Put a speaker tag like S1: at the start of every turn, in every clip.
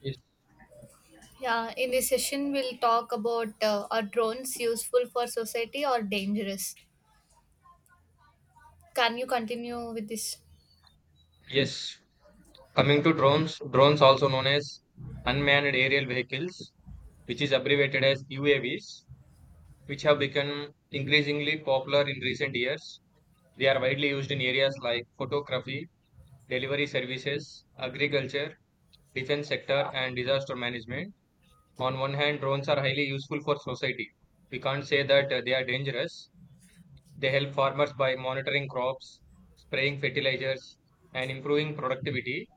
S1: Yes.
S2: Yeah, in this session, we'll talk about, are drones useful for society or dangerous? Can you continue with this?
S1: Yes. Coming to drones, drones also known as unmanned aerial vehicles, which is abbreviated as UAVs, which have become increasingly popular in recent years. They are widely used in areas like photography, delivery services, agriculture, defense sector, and disaster management. On one hand, drones are highly useful for society. We can't say that they are dangerous. They help farmers by monitoring crops, spraying fertilizers, and improving productivity.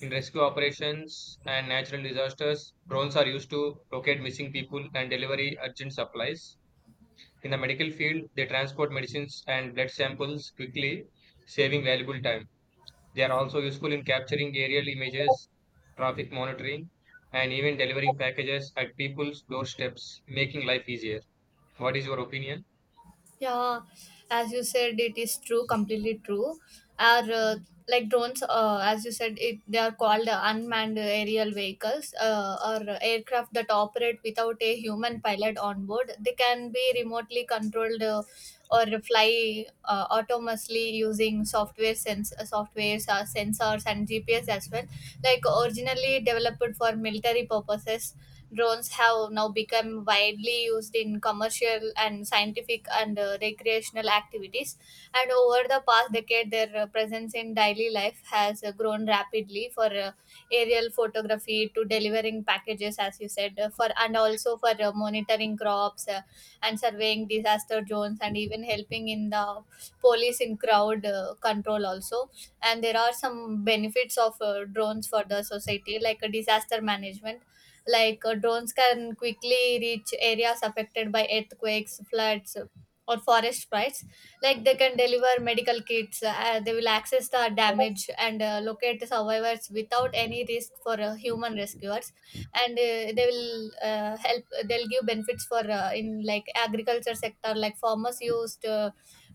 S1: In rescue operations and natural disasters, drones are used to locate missing people and deliver urgent supplies. In the medical field, they transport medicines and blood samples quickly, saving valuable time. They are also useful in capturing aerial images, traffic monitoring, and even delivering packages at people's doorsteps, making life easier. What is your opinion?
S2: Yeah, as you said, it is true, completely true. Our Like drones, as you said, it they are called unmanned aerial vehicles, or aircraft that operate without a human pilot on board. They can be remotely controlled, or fly autonomously using softwares, sensors, and GPS as well. Like, originally developed for military purposes, drones have now become widely used in commercial and scientific and, recreational activities, and over the past decade their presence in daily life has grown rapidly, for aerial photography to delivering packages as you said, for and also for monitoring crops, and surveying disaster zones, and even helping in the police in crowd control also. And there are some benefits of drones for the society, like disaster management. Like, drones can quickly reach areas affected by earthquakes, floods, or forest fires. Like, they can deliver medical kits. They will access the damage and locate the survivors without any risk for human rescuers. And they will help they'll give benefits for in like agriculture sector. Like, farmers used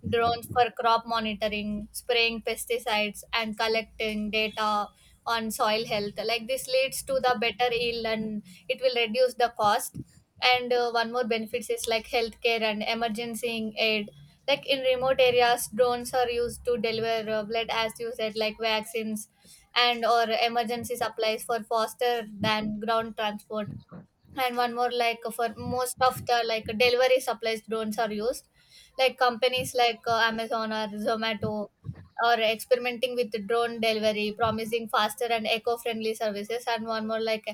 S2: drones for crop monitoring, spraying pesticides, and collecting data on soil health. Like, this leads to the better yield and it will reduce the cost. And one more benefits is like healthcare and emergency aid. Like, in remote areas, drones are used to deliver blood, as you said, like vaccines and or emergency supplies, for faster than ground transport. And one more, like, for most of the like delivery supplies, drones are used. Like companies like amazon or zomato are experimenting with the drone delivery, promising faster and eco-friendly services. And one more, like,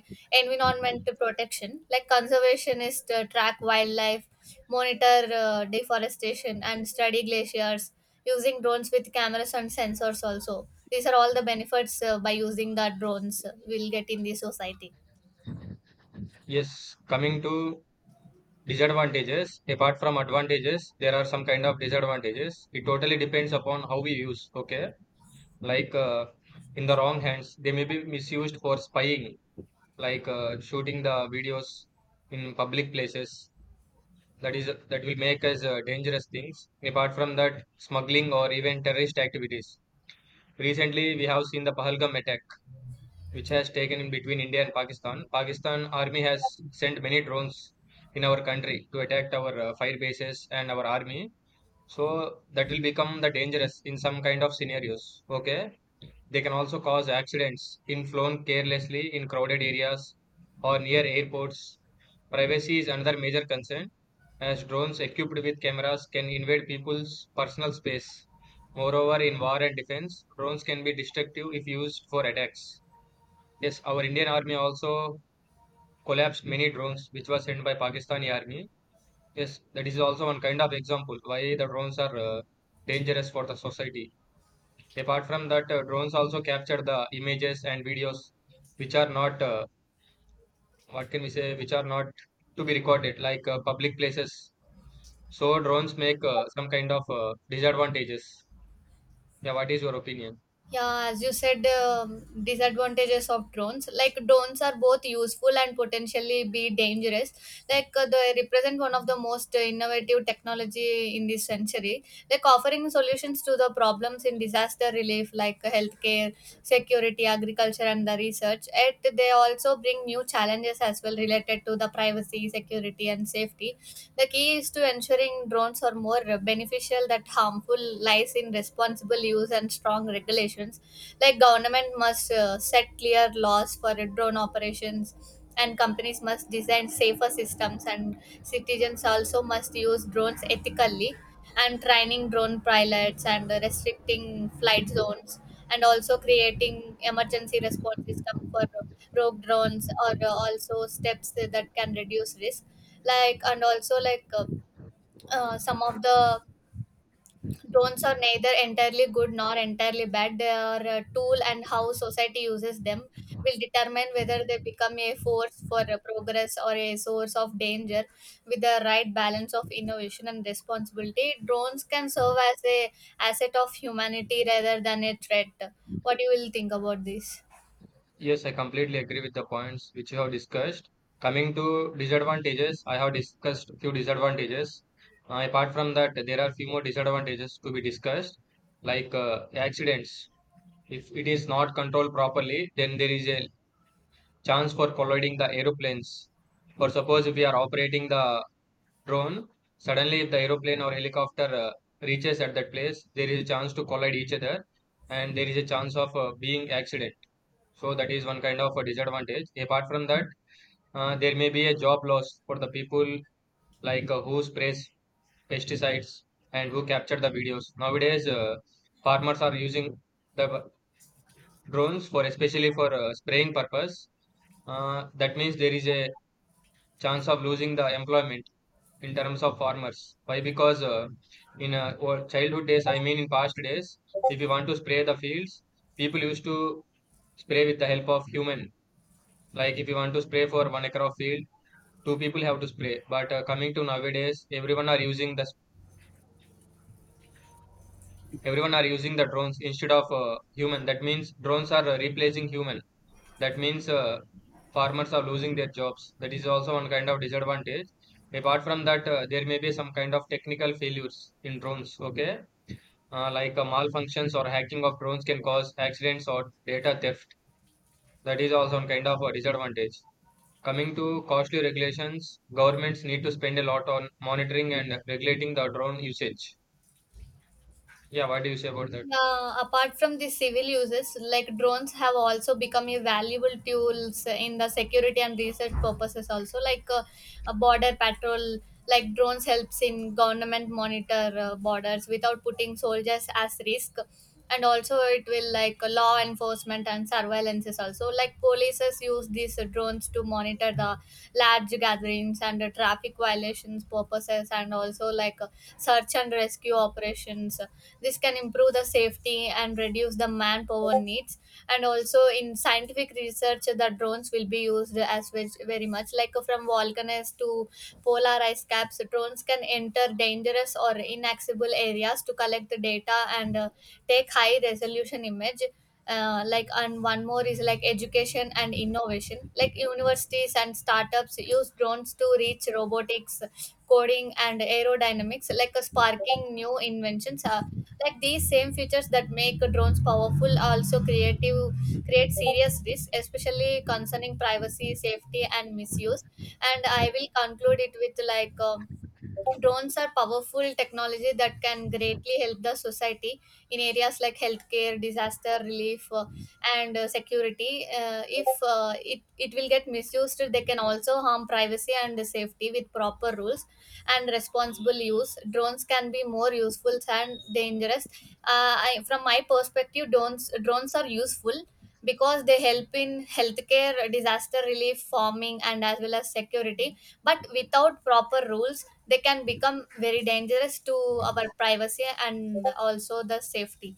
S2: environment protection. Like, conservationists track wildlife, monitor deforestation, and study glaciers using drones with cameras and sensors. Also, these are all the benefits by using the drones we'll get in the society.
S1: Yes, coming to disadvantages, apart from advantages, there are some kind of disadvantages. It totally depends upon how we use. Okay, like in the wrong hands they may be misused for spying, like shooting the videos in public places. That will make us dangerous things. Apart from that, smuggling or even terrorist activities. Recently we have seen the Pahalgam attack which has taken in between India and Pakistan. Pakistan army has sent many drones in our country to attack our fire bases and our army. So that will become the dangerous in some kind of scenarios. Okay, they can also cause accidents in flown carelessly in crowded areas or near airports. Privacy is another major concern as drones equipped with cameras can invade people's personal space. Moreover, in war and defense, drones can be destructive if used for attacks. Yes, our Indian army also collapsed many drones which were sent by Pakistani army. Yes, that is also one kind of example why the drones are dangerous for the society. Apart from that, drones also capture the images and videos which are not, what can we say, which are not to be recorded, like public places. So drones make some kind of disadvantages. Yeah, what is your opinion?
S2: Yeah, as you said, disadvantages of drones. Like, drones are both useful and potentially be dangerous. Like, they represent one of the most innovative technology in this century. Like, offering solutions to the problems in disaster relief, like, healthcare, security, agriculture, and the research. Yet, they also bring new challenges as well, related to the privacy, security, and safety. The key is to ensuring drones are more beneficial that harmful lies in responsible use and strong regulations. Like, government must set clear laws for drone operations, and companies must design safer systems, and citizens also must use drones ethically, and training drone pilots and restricting flight zones, and also creating emergency response system for rogue drones, or also steps that can reduce risk. Like and also like some of the Drones are neither entirely good nor entirely bad. They are a tool, and how society uses them will determine whether they become a force for progress or a source of danger. With the right balance of innovation and responsibility, drones can serve as a asset of humanity rather than a threat. What do you will think about this?
S1: Yes, I completely agree with the points which you have discussed. Coming to disadvantages, I have discussed few disadvantages. Apart from that, there are few more disadvantages to be discussed, like accidents. If it is not controlled properly, then there is a chance for colliding the aeroplanes. For suppose if we are operating the drone, suddenly if the aeroplane or helicopter reaches at that place, there is a chance to collide each other and there is a chance of being accident. So that is one kind of a disadvantage. Apart from that, there may be a job loss for the people, like who sprays pesticides and who capture the videos. Nowadays, farmers are using the drones for, especially for spraying purpose. That means there is a chance of losing the employment in terms of farmers. Why? Because in our childhood days, I mean in past days, if you want to spray the fields, people used to spray with the help of human. Like if you want to spray for one acre of field, two people have to spray. But coming to nowadays, everyone are using the drones instead of human. That means drones are replacing human. That means farmers are losing their jobs. That is also one kind of disadvantage. Apart from that, there may be some kind of technical failures in drones. Okay, like malfunctions or hacking of drones can cause accidents or data theft. That is also one kind of a disadvantage. Coming to costly regulations, governments need to spend a lot on monitoring and regulating the drone usage. Yeah, what do you say about that?
S2: Yeah, apart from the civil uses, like, drones have also become a valuable tools in the security and research purposes also, like a border patrol. Like, drones helps in government monitor borders without putting soldiers as risk. And also it will, like, law enforcement and surveillance is also, like, polices use these drones to monitor the large gatherings and traffic violations purposes, and also like search and rescue operations. This can improve the safety and reduce the manpower needs. And also in scientific research, the drones will be used as, which very much like, from volcanoes to polar ice caps, drones can enter dangerous or inaccessible areas to collect the data and take high resolution image. Like, and one more is like education and innovation. Like, universities and startups use drones to reach robotics, coding, and aerodynamics, like, sparking new inventions. Like, these same features that make drones powerful also creative create serious risks, especially concerning privacy, safety, and misuse. And I will conclude it with like, drones are powerful technology that can greatly help the society in areas like healthcare, disaster relief, and security. If it will get misused, they can also harm privacy and safety. With proper rules and responsible use, drones can be more useful than dangerous. From my perspective, drones are useful because they help in healthcare, disaster relief, farming, and as well as security. But without proper rules, they can become very dangerous to our privacy and also the safety.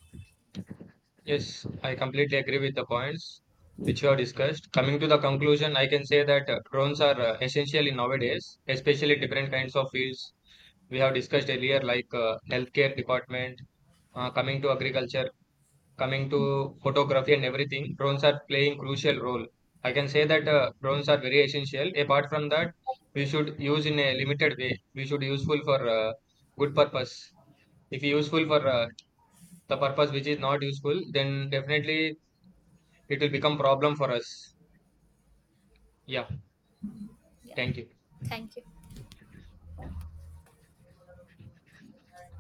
S1: Yes, I completely agree with the points which you have discussed. Coming to the conclusion, I can say that drones are essential in nowadays, especially different kinds of fields we have discussed earlier, like healthcare department, coming to agriculture, coming to photography and everything. Drones are playing crucial role. I can say that drones are very essential. Apart from that, we should use in a limited way. We should useful for good purpose. If useful for the purpose which is not useful, then definitely it will become problem for us. Yeah,
S2: Yeah,
S1: thank you.
S2: thank you.